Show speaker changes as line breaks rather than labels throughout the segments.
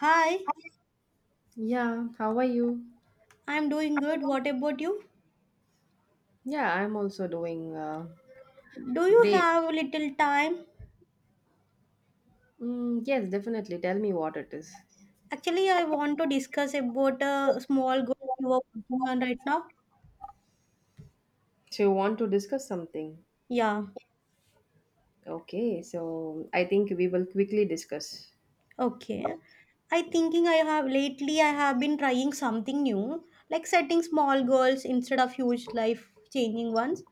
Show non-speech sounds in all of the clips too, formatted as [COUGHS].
Hi,
Yeah, how are you?
I'm doing good. What about you?
Yeah, I'm also doing
Do you
great.
have a little time?
Yes, definitely. Tell me what it is.
Actually, I want to discuss about a small group you are working on right now.
So, you want to discuss something?
Yeah.
Okay, so I think we will quickly discuss.
Okay. I have lately I have been trying something new, like setting small goals instead of huge life changing ones.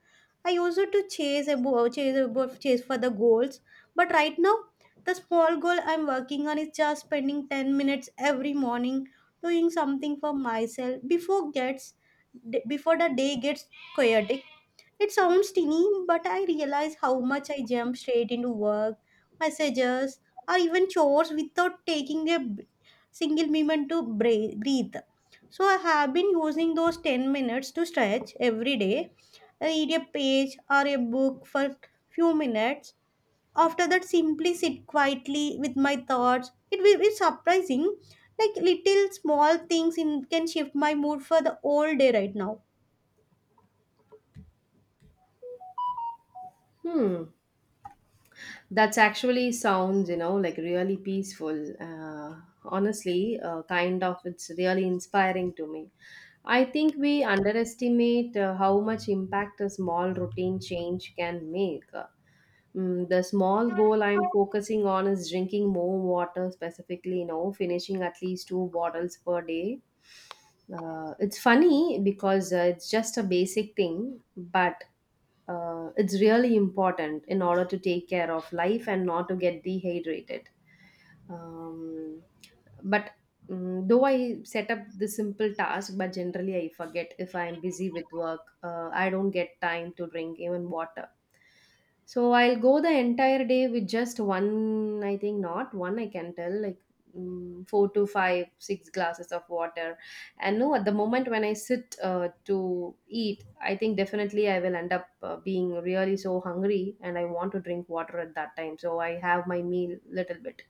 I used to chase for the goals, but right now the small goal I'm working on is just spending 10 minutes every morning doing something for myself before the day gets chaotic. It sounds teeny, but I realize how much I jump straight into work, messages, or even chores without taking a single moment to breathe. So I have been using those 10 minutes to stretch every day, I read a page or a book for few minutes. After that, simply sit quietly with my thoughts. It will be surprising, like little small things in, can shift my mood for the whole day right now.
Hmm, that's actually sounds, like really peaceful. Honestly, it's really inspiring to me. I think we underestimate how much impact a small routine change can make. The small goal I'm focusing on is drinking more water, specifically, you know, finishing at least two bottles per day. It's funny because it's just a basic thing, but it's really important in order to take care of life and not to get dehydrated. Um, but mm though I set up the simple task but generally I forget if I am busy with work I don't get time to drink even water so I'll go the entire day with just one, I think not one, I can tell, like four to five, six glasses of water. And no, at the moment when I sit to eat, I think definitely I will end up being really so hungry and I want to drink water at that time. So I have my meal little bit.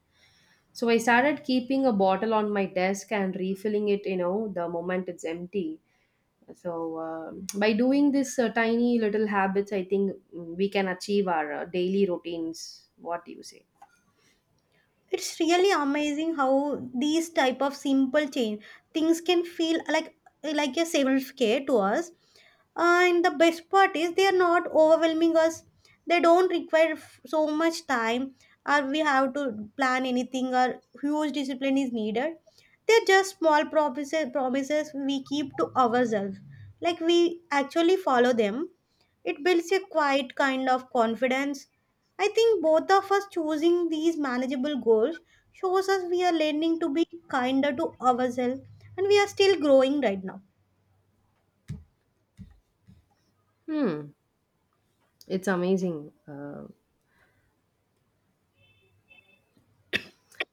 So I started keeping a bottle on my desk and refilling it, you know, the moment it's empty. So by doing this tiny little habits, I think we can achieve our daily routines. What do you say?
It's really amazing how these type of simple change things can feel like a self care to us, and the best part is they are not overwhelming us, they don't require so much time, or we have to plan anything or huge discipline is needed. They're just small promises we keep to ourselves, like we actually follow them. It builds a quiet kind of confidence. I think both of us choosing these manageable goals shows us we are learning to be kinder to ourselves, and we are still growing right now.
Hmm, it's amazing.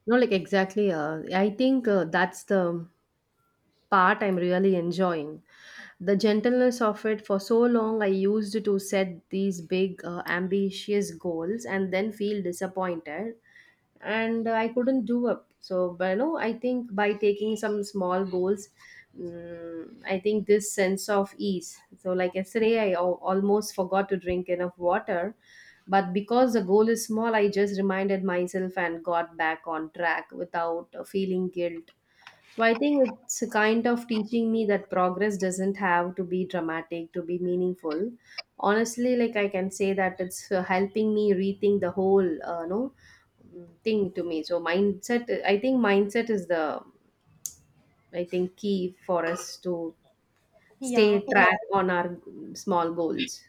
No, like exactly. I think that's the part I'm really enjoying. The gentleness of it. For so long, I used to set these big, ambitious goals and then feel disappointed. And I couldn't do up. So, but you know, I think by taking some small goals, I think this sense of ease. So, like yesterday, almost forgot to drink enough water, but because the goal is small, I just reminded myself and got back on track without feeling guilt, so I think it's a kind of teaching me that progress doesn't have to be dramatic to be meaningful. Honestly, like I can say that it's helping me rethink the whole, no, mm, thing to me. So mindset, I think mindset is the, I think key for us to stay,
Yeah,
yeah, track on our small goals.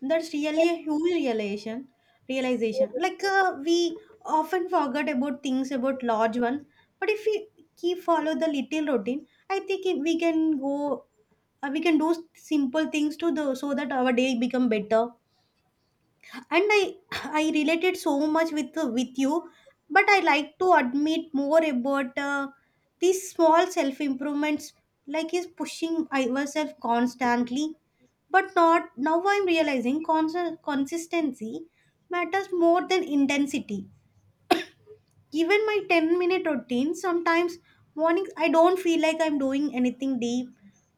that's really a huge realization. Realization. Like we often forget about things about large ones, but if we keep follow the little routine, I think if we can go. We can do simple things to the so that our day become better. And I related so much with you, but I like to admit more about these small self improvements. Like is pushing ourselves constantly, but not now I'm realizing consistency matters more than intensity. Even my 10-minute routine, sometimes mornings I don't feel like I'm doing anything deep,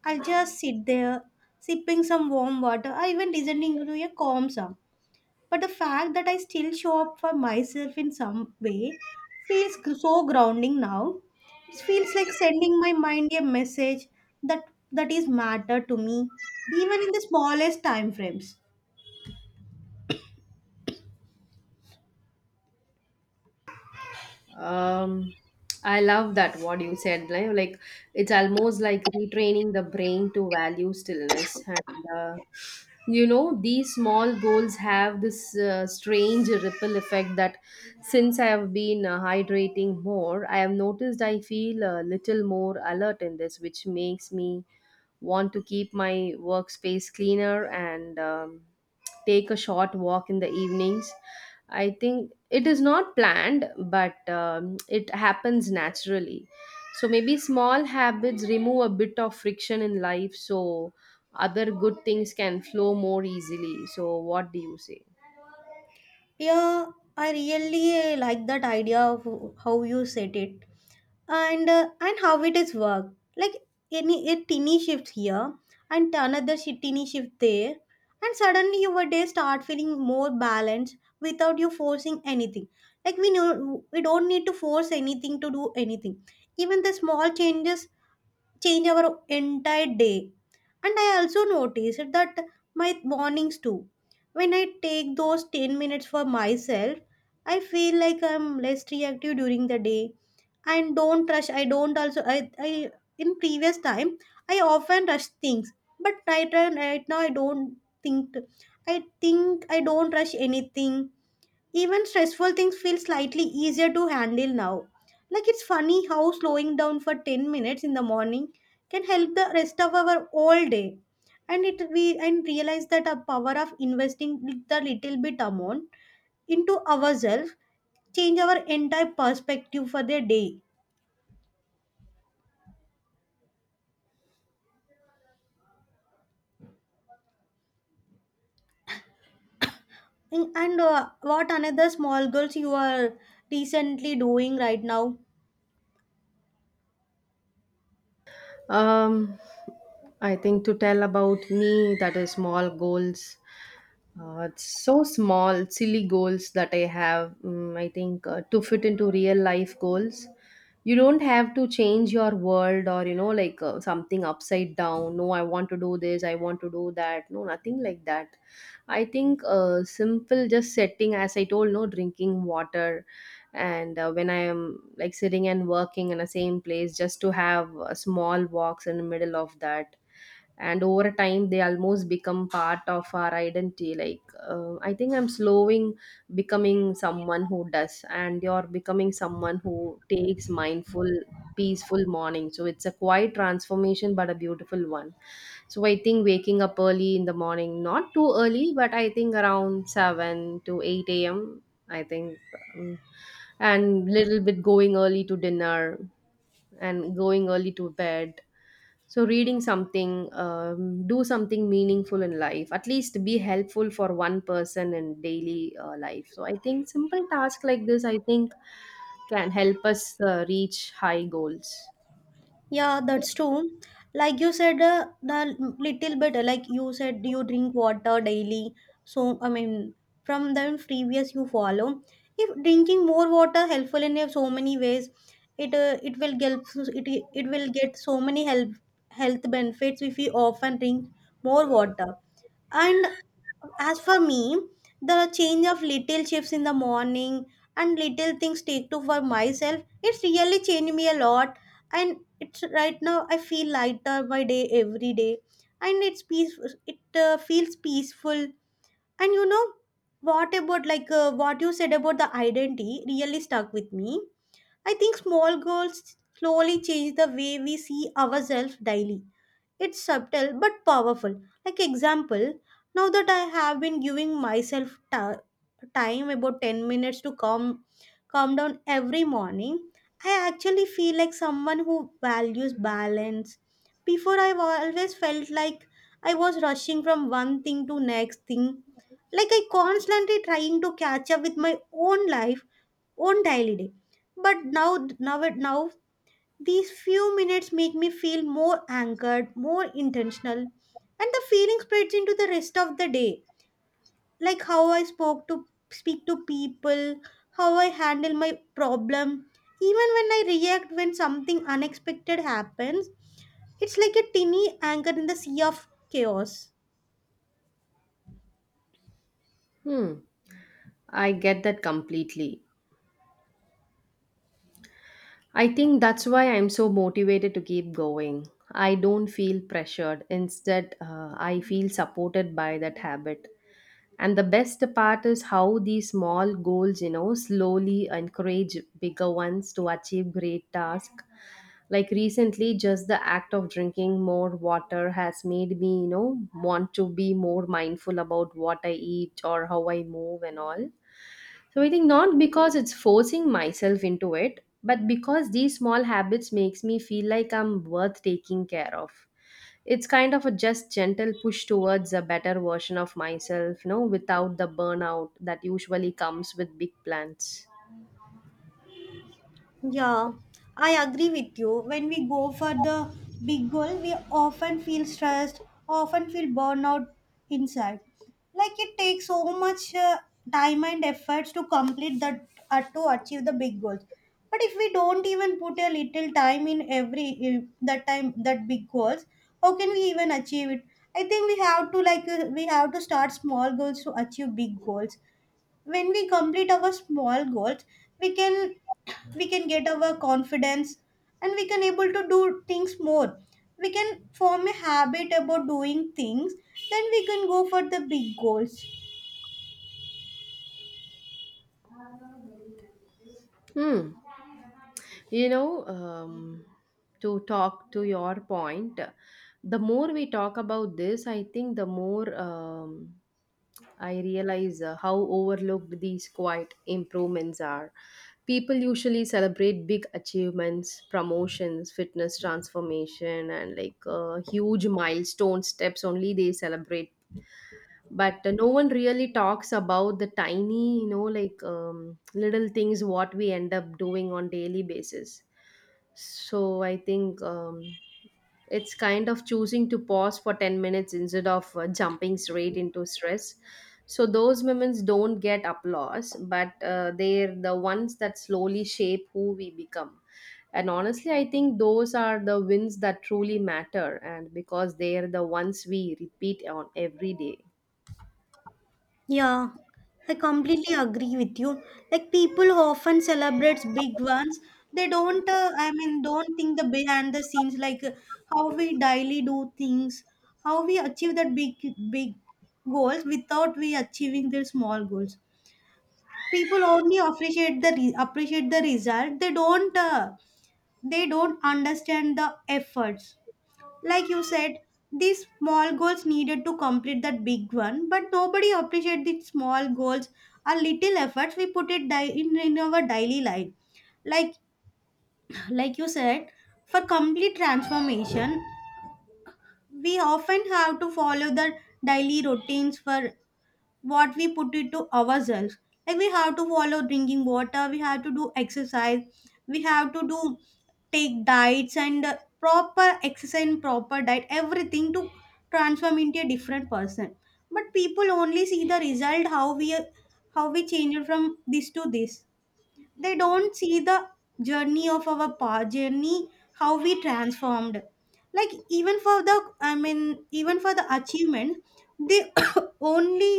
I'll just sit there sipping some warm water or even listening to a calm song, but the fact that I still show up for myself in some way feels so grounding now. It feels like sending my mind a message that is matter to me, even in the smallest time frames.
Um, I love that what you said. Like it's almost like retraining the brain to value stillness. And you know, these small goals have this strange ripple effect that since I have been hydrating more, I have noticed I feel a little more alert in this, which makes me want to keep my workspace cleaner and take a short walk in the evenings. I think it is not planned, but it happens naturally. So maybe small habits remove a bit of friction in life so other good things can flow more easily. So, what do you say?
Yeah, I really like that idea of how you said it, and how it is work. Like any a teeny shift here and another teeny shift there, and suddenly your day start feeling more balanced without you forcing anything. Like we know we don't need to force anything to do anything. Even the small changes change our entire day. And I also noticed that my mornings too. When I take those 10 minutes for myself, I feel like I'm less reactive during the day and don't rush. I don't also, I in previous time, I often rush things, but right now think, I think I don't rush anything, even stressful things feel slightly easier to handle now. Like it's funny how slowing down for 10 minutes in the morning can help the rest of our whole day. And it we and realize that our power of investing the little bit amount into ourselves change our entire perspective for the day. And what another small goals you are recently doing right now?
Um, I think to tell about me, that is small goals. It's so small, silly goals that I have. I think to fit into real life goals, you don't have to change your world or you know like something upside down. No, I want to do this. I want to do that. No, nothing like that. I think simple, just setting, as I told, no drinking water, and when I am like sitting and working in the same place, just to have small walks in the middle of that, and over time they almost become part of our identity. Like I think I'm slowing becoming someone who does, and you're becoming someone who takes mindful, peaceful morning. So it's a quiet transformation but a beautiful one. So I think waking up early in the morning, not too early, but I think around 7 to 8 a.m., I think um, and little bit going early to dinner and going early to bed. So, reading something, do something meaningful in life, at least be helpful for one person in daily life. So, I think simple tasks like this, I think, can help us reach high goals.
Yeah, that's true. Like you said, the little bit, like you said, you drink water daily. So, I mean, from the previous you follow, if drinking more water helpful in so many ways, it will get it it will get so many health benefits if we often drink more water. And as for me, the change of little shifts in the morning and little things take to for myself, it's really changed me a lot. And it's right now I feel lighter by day every day, and it's peaceful. It feels peaceful. And you know what about like what you said about the identity really stuck with me. I think small goals slowly change the way we see ourselves daily, it's subtle but powerful. Like example, now that I have been giving myself time about 10 minutes to calm down every morning, I actually feel like someone who values balance. Before I've always felt like I was rushing from one thing to next thing. Like I constantly trying to catch up with my own life, own daily day. But now these few minutes make me feel more anchored, more intentional, and the feeling spreads into the rest of the day. Like how I spoke to speak to people, how I handle my problem, even when I react when something unexpected happens. It's like a tiny anchor in the sea of chaos.
Hmm, I get that completely. I think that's why I'm so motivated to keep going. I don't feel pressured. Instead, I feel supported by that habit. And the best part is how these small goals, you know, slowly encourage bigger ones to achieve great tasks. Like recently, just the act of drinking more water has made me, you know, want to be more mindful about what I eat or how I move and all. So I think not because it's forcing myself into it, but because these small habits makes me feel like I'm worth taking care of. It's kind of a just gentle push towards a better version of myself, you know, without the burnout that usually comes with big plans.
Yeah, I agree with you. When we go for the big goal, we often feel stressed, often feel burnout inside. Like it takes so much time and efforts to complete that to achieve the big goals. But if we don't even put a little time in every that time that big goals, how can we even achieve it? I think we have to like we have to start small goals to achieve big goals. When we complete our small goals we can we can get our confidence, and we can able to do things more, we can form a habit about doing things, then we can go for the big goals.
Hmm. You know, to talk to your point, the more we talk about this, I think the more I realize how overlooked these quiet improvements are. People usually celebrate big achievements, promotions, fitness transformation, and like huge milestone steps only they celebrate. But no one really talks about the tiny, you know, like little things what we end up doing on daily basis. So I think it's kind of choosing to pause for 10 minutes instead of jumping straight into stress. So those moments don't get applause, but they're the ones that slowly shape who we become. And honestly, I think those are the wins that truly matter, and because they are the ones we repeat on every day.
Yeah, I completely agree with you. Like people who often celebrates big ones, they don't. I mean, don't think the behind the scenes, like how we daily do things, how we achieve that big goals without we achieving their small goals. People only appreciate the appreciate the result, they don't understand the efforts, like you said, these small goals needed to complete that big one, but nobody appreciate the small goals or little efforts we put it in our daily life. Like [CLEARS THROAT] like you said, for complete transformation we often have to follow the daily routines for what we put it to ourselves. Like we have to follow drinking water, we have to do exercise, we have to do take diets and proper exercise and proper diet, everything to transform into a different person. But people only see the result how we change it from this to this, they don't see the journey of our past journey how we transformed. Like even for the, I mean, even for the achievement, they [COUGHS] only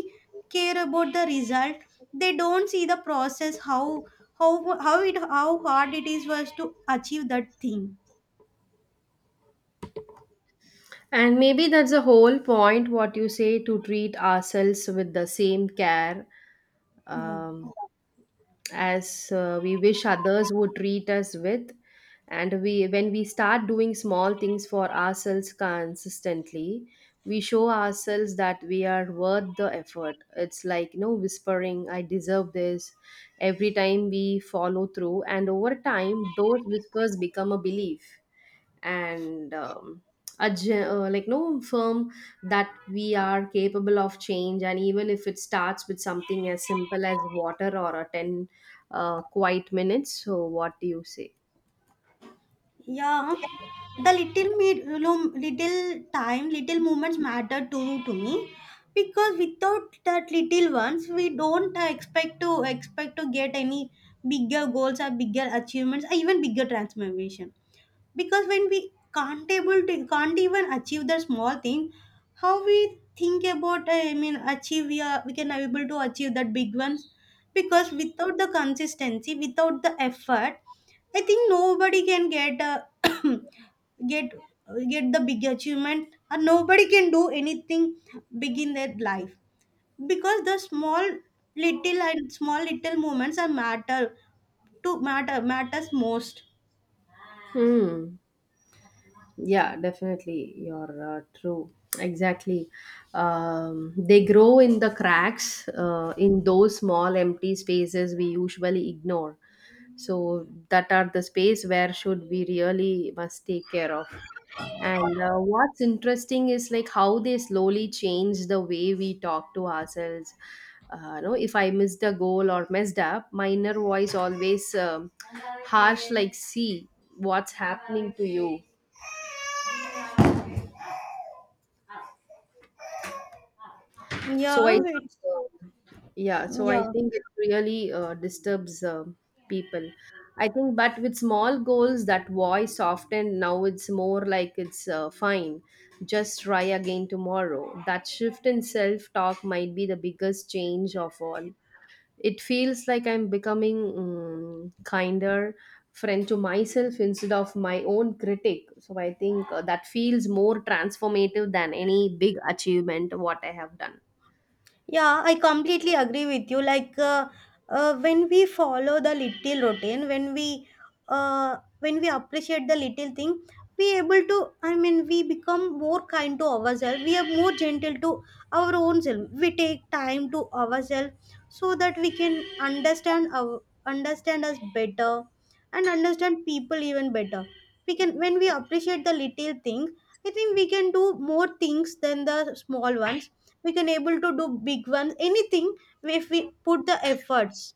care about the result, they don't see the process how how it how hard it is was to achieve that thing.
And maybe that's the whole point what you say, to treat ourselves with the same care
Yeah,
um, as we wish others would treat us with. And we, when we start doing small things for ourselves consistently, we show ourselves that we are worth the effort. It's like, you know, whispering I deserve this every time we follow through, and over time those whispers become a belief, and like no firm, that we are capable of change. And even if it starts with something as simple as water or a 10 quiet minutes, so what do you say?
yeah, the little made little time, little moments matter to me, because without that little ones, we don't expect to get any bigger goals or bigger achievements or even bigger transformation, because when we can't able to can't even achieve the small thing, how we think about I mean achieve we are we can able to achieve that big ones, because without the consistency without the effort, I think nobody can get [COUGHS] [CLEARS THROAT] get get the big achievement, or nobody can do anything big in their life, because the small little and small little moments are matter to matters most.
Hmm. Yeah, definitely. You're true. Exactly. They grow in the cracks, in those small empty spaces we usually ignore. So that are the space where should we really must take care of. And what's interesting is like how they slowly change the way we talk to ourselves. No, if I missed a goal or messed up, my inner voice always harsh, like, see what's happening to you.
Yeah,
So I, think,
it's
uh, Yeah, so I
yeah,
think it really disturbs people. I think, but with small goals, that voice often now it's more like it's fine, just try again tomorrow. That shift in self talk might be the biggest change of all. It feels like I'm becoming kinder friend to myself instead of my own critic. So I think that feels more transformative than any big achievement what I have done.
yeah, I completely agree with you. Like when we follow the little routine, when we appreciate the little thing, we able to. I mean, we become more kind to ourselves. We are more gentle to our own self. We take time to ourselves so that we can understand our understand us better, and understand people even better. We can when we appreciate the little thing. I think we can do more things than the small ones, we can able to do big ones anything if we put the efforts.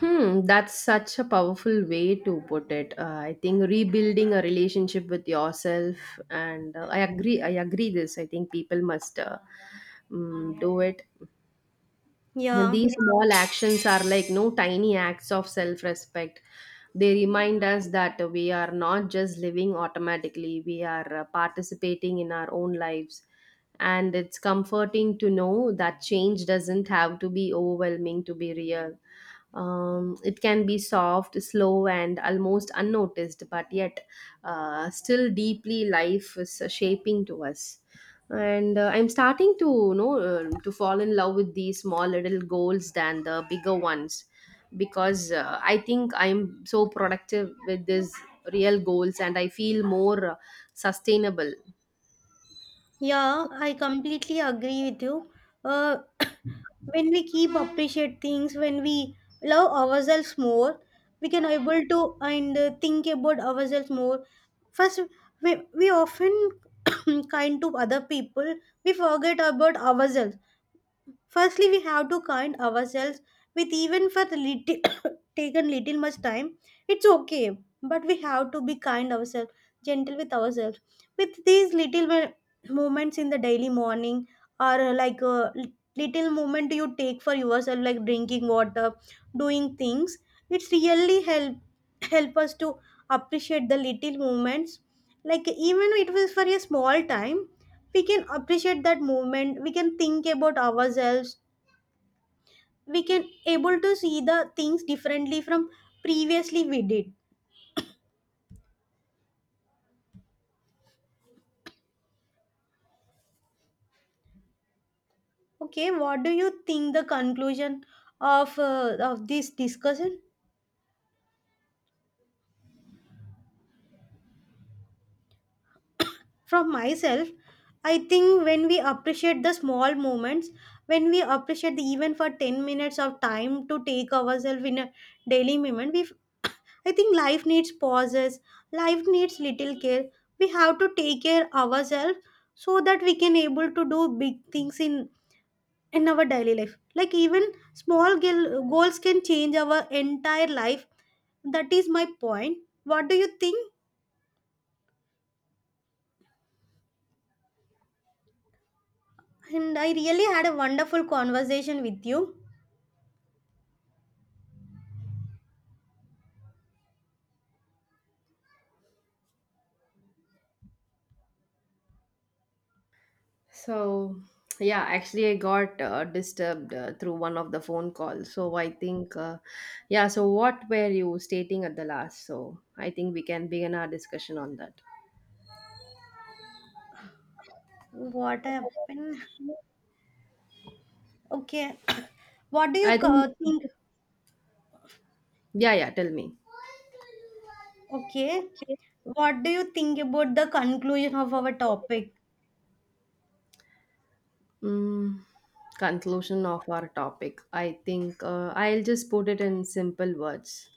That's such a powerful way to put it. I think rebuilding a relationship with yourself, and I agree. This I think people must do it.
Yeah,
These small actions are like no tiny acts of self-respect. They remind us that we are not just living automatically. We are participating in our own lives, and it's comforting to know that change doesn't have to be overwhelming to be real. It can be soft, slow, and almost unnoticed, but yet still deeply life is shaping to us. And I'm starting to, you know, to fall in love with these small little goals than the bigger ones, because I think I'm so productive with these real goals, and I feel more sustainable.
yeah, I completely agree with you. uh, [COUGHS] when we keep appreciate things, when we love ourselves more, we can able to and think about ourselves more first. We often [COUGHS] kind to other people, we forget about ourselves. Firstly, we have to kind ourselves, with even for the little [COUGHS] taken little much time. It's okay, but we have to be kind ourselves, gentle with ourselves. With these little moments in the daily morning, or like a little moment you take for yourself, like drinking water, doing things, it's really help us to appreciate the little moments. Like even it was for a small time, we can appreciate that movement, we can think about ourselves, we can able to see the things differently from previously we did. Okay, what do you think the conclusion of this discussion? From myself, I think when we appreciate the small moments, when we appreciate the even for 10 minutes of time to take ourselves in a daily moment we [COUGHS] I think life needs pauses, life needs little care, we have to take care ourselves so that we can able to do big things in our daily life. Like even small goals can change our entire life. That is my point. What do you think? And I really had a wonderful conversation with you.
So, yeah, actually, I got disturbed through one of the phone calls. So, I think, yeah, so what were you stating at the last? So, I think we can begin our discussion on that.
What happened? Okay. [COUGHS] What do you
I think,
think?
yeah, yeah, tell me.
Okay. What do you think about the conclusion of our topic?
Mm, conclusion of our topic. I think I'll just put it in simple words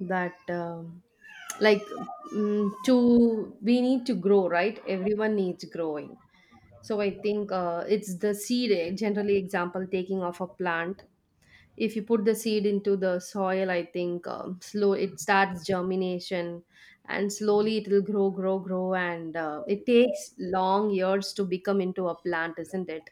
that, like, to we need to grow, right? Everyone needs growing. So I think it's the seed, eh, generally example taking of a plant. If you put the seed into the soil, I think slow it starts germination, and slowly it will grow, and it takes long years to become into a plant, isn't it?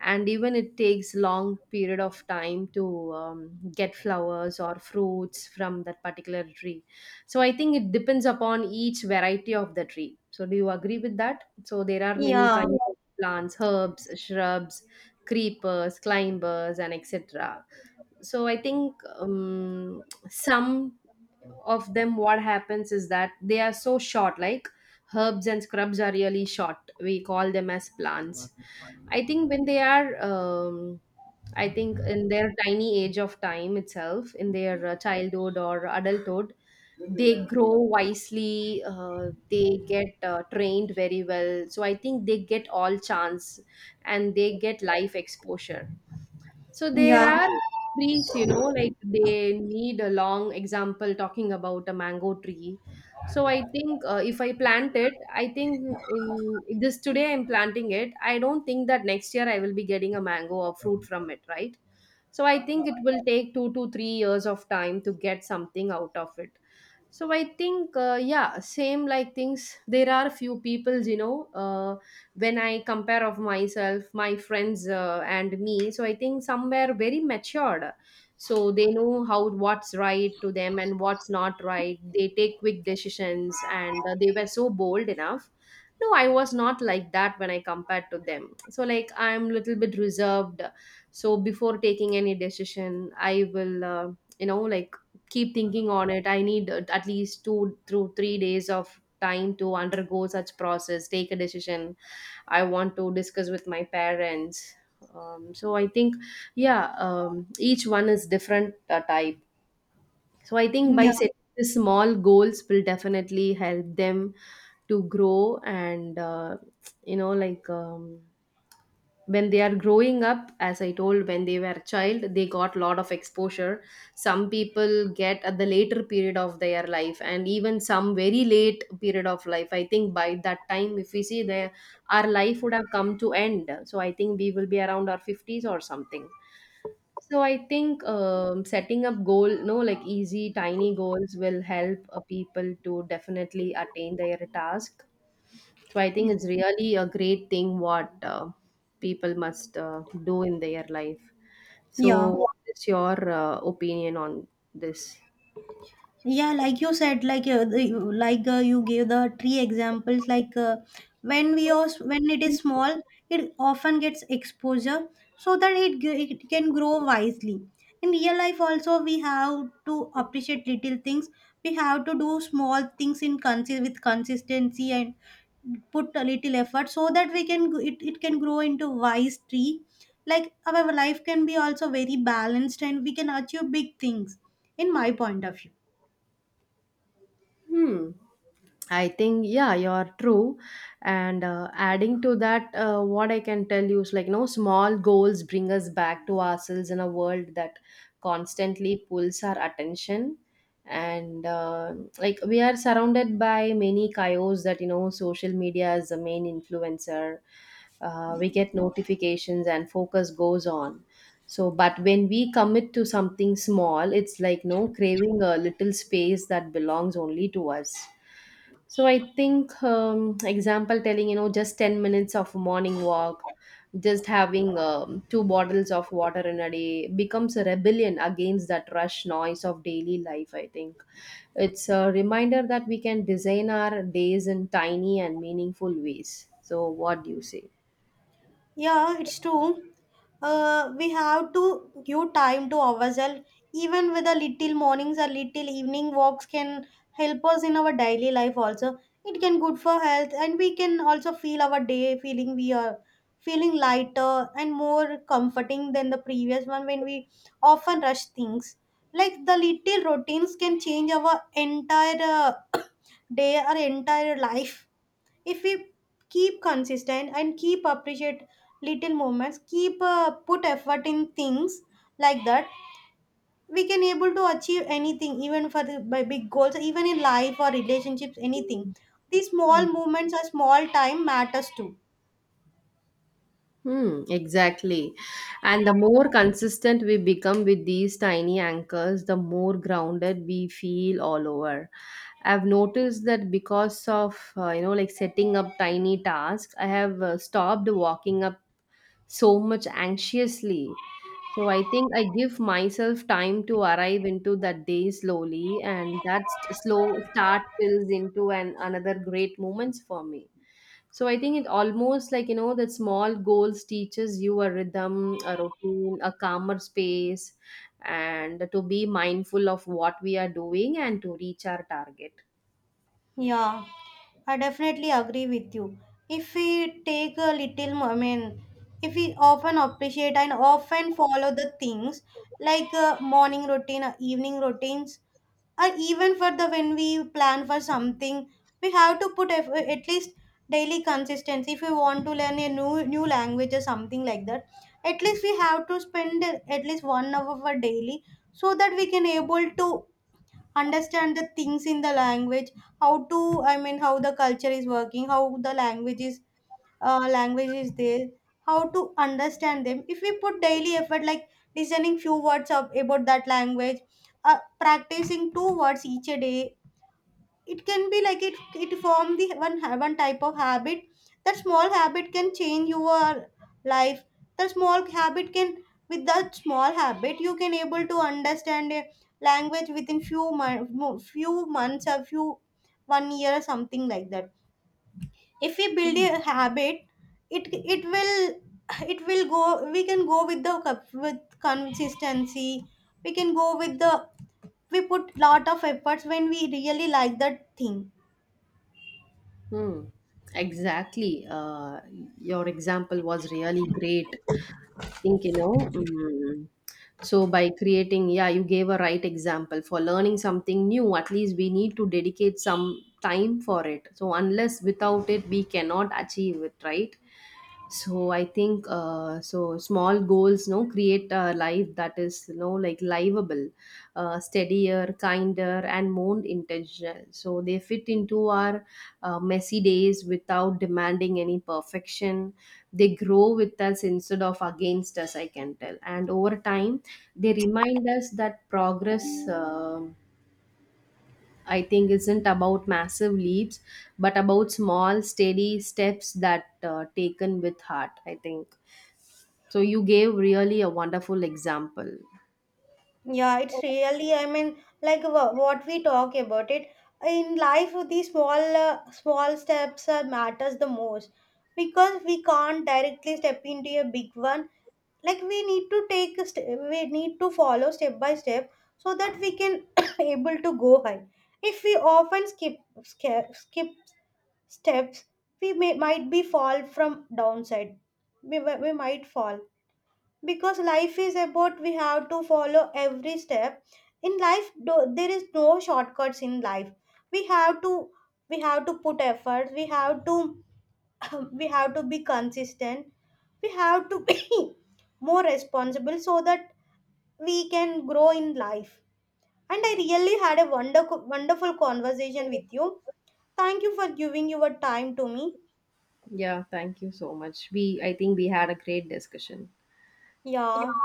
And even it takes long period of time to get flowers or fruits from that particular tree. So I think it depends upon each variety of the tree. So do you agree with that? So there are many
Yeah.
kinds of plants, herbs, shrubs, creepers, climbers and etc. So I think some of them, what happens is that they are so short. Like herbs and scrubs are really short, we call them as plants. I think when they are, I think in their tiny age of time itself, in their childhood or adulthood, they grow wisely. They get trained very well. So I think they get all chance and they get life exposure. So there
Yeah.
are. Mhm. Trees, you know, like they need a long example talking about a mango tree. So I think if I plant it, I think in this today I'm planting it. I don't think that next year I will be getting a mango or fruit from it, right? So I think it will take 2 to 3 years of time to get something out of it. So I think yeah, same like things. There are few people, you know, when I compare of myself, my friends and me, so I think somewhere very matured. So they know how, what's right to them and what's not right. They take quick decisions and they were so bold enough. No, I was not like that when I compared to them. So like I'm little bit reserved. So before taking any decision, I will you know, like keep thinking on it. I need at least 2 through 3 days of time to undergo such process, take a decision. I want to discuss with my parents. So I think yeah, each one is different type. So I think by
Yeah.
setting the small goals will definitely help them to grow and you know like um, when they are growing up, as I told, when they were a child, they got a lot of exposure. Some people get at the later period of their life, and even some very late period of life. I think by that time, if we see there, our life would have come to end. So I think we will be around our 50s or something. So I think setting up goal, no, like easy tiny goals will help people to definitely attain their task. So I think it's really a great thing what people must do in their life. So
Yeah.
what is your opinion on this?
Yeah, like you said, like you gave the tree examples, like when we are when it is small, it often gets exposure so that it can grow wisely. In real life also, we have to appreciate little things, we have to do small things in with consistency, and put a little effort so that we can g- it can grow into wise tree. Like our life can be also very balanced, and we can achieve big things, in my point of view.
Hmm. I think yeah, you're true. And adding to that, what I can tell you is like, no, small goals bring us back to ourselves in a world that constantly pulls our attention. And like we are surrounded by many coyotes. That, you know, social media is the main influencer. We get notifications and focus goes on. So but when we commit to something small, it's like, no, craving a little space that belongs only to us. So I think example telling, you know, just 10 minutes of morning walk, just having two bottles of water in a day becomes a rebellion against that rush noise of daily life. I think it's a reminder that we can design our days in tiny and meaningful ways. So what do you say?
Yeah, it's true. We have to give time to ourselves. Even with a little mornings or little evening walks can help us in our daily life also. It can good for health, and we can also feel our day feeling we are feeling lighter and more comforting than the previous one when we often rush things. Like the little routines can change our entire day or entire life if we keep consistent and keep appreciate little moments, keep put effort in things like that. We can able to achieve anything, even for the by big goals, even in life or relationships, anything. These small moments or small time matters too.
Hmm, exactly. And the more consistent we become with these tiny anchors, the more grounded we feel all over. I've noticed that because of, you know, like setting up tiny tasks, I have stopped walking up so much anxiously. So I think I give myself time to arrive into that day slowly, and that slow start builds into an another great moments for me. So I think it almost like, you know, that small goals teaches you a rhythm, a routine, a calmer space, and to be mindful of what we are doing and to reach our target.
Yeah, I definitely agree with you. If we take a little, I mean, if we often appreciate and often follow the things like morning routine, evening routines, or even for the when we plan for something, we have to at least daily consistency. If we want to learn a new language or something like that, at least we have to spend at least 1 hour for daily so that we can able to understand the things in the language, how to, I mean, how the culture is working, how the language is there, how to understand them. If we put daily effort like listening few words of, about that language, practicing two words each a day, it can be like it form the one type of habit. That small habit can change your life. That small habit can, with that small habit, you can able to understand a language within few months or few one year, something like that. If we build a habit, it it will, it will go, we can go with the with consistency, we can go with the, we put lot of efforts when we really like that thing.
Hmm. Exactly. Your example was really great. I think, you know, so by creating, yeah, you gave a right example for learning something new. At least we need to dedicate some time for it. So, unless without it, we cannot achieve it, right? So, I think so. Small goals, no, create a life that is, you know, like livable, steadier, kinder, and more intentional. So they fit into our messy days without demanding any perfection. They grow with us instead of against us, I can tell. And over time, they remind us that progress. um I think isn't about massive leaps, but about small, steady steps that taken with heart. I think so. You gave really a wonderful example.
Yeah, it's really, I mean, like what we talk about it in life, these small steps matters the most, because we can't directly step into a big one. Like we need to take, we need to follow step by step so that we can [COUGHS] able to go high. If we often skip steps, we may might be fall from downside. We might fall, because life is about we have to follow every step in life do, there is no shortcuts in life, we have to, we have to put effort, we have to [COUGHS] [CLEARS THROAT] we have to be consistent, we have to be [COUGHS] more responsible so that we can grow in life. And I really had a wonderful conversation with you. Thank you for giving your time to me.
Yeah, thank you so much. We I think we had a great discussion.
Yeah.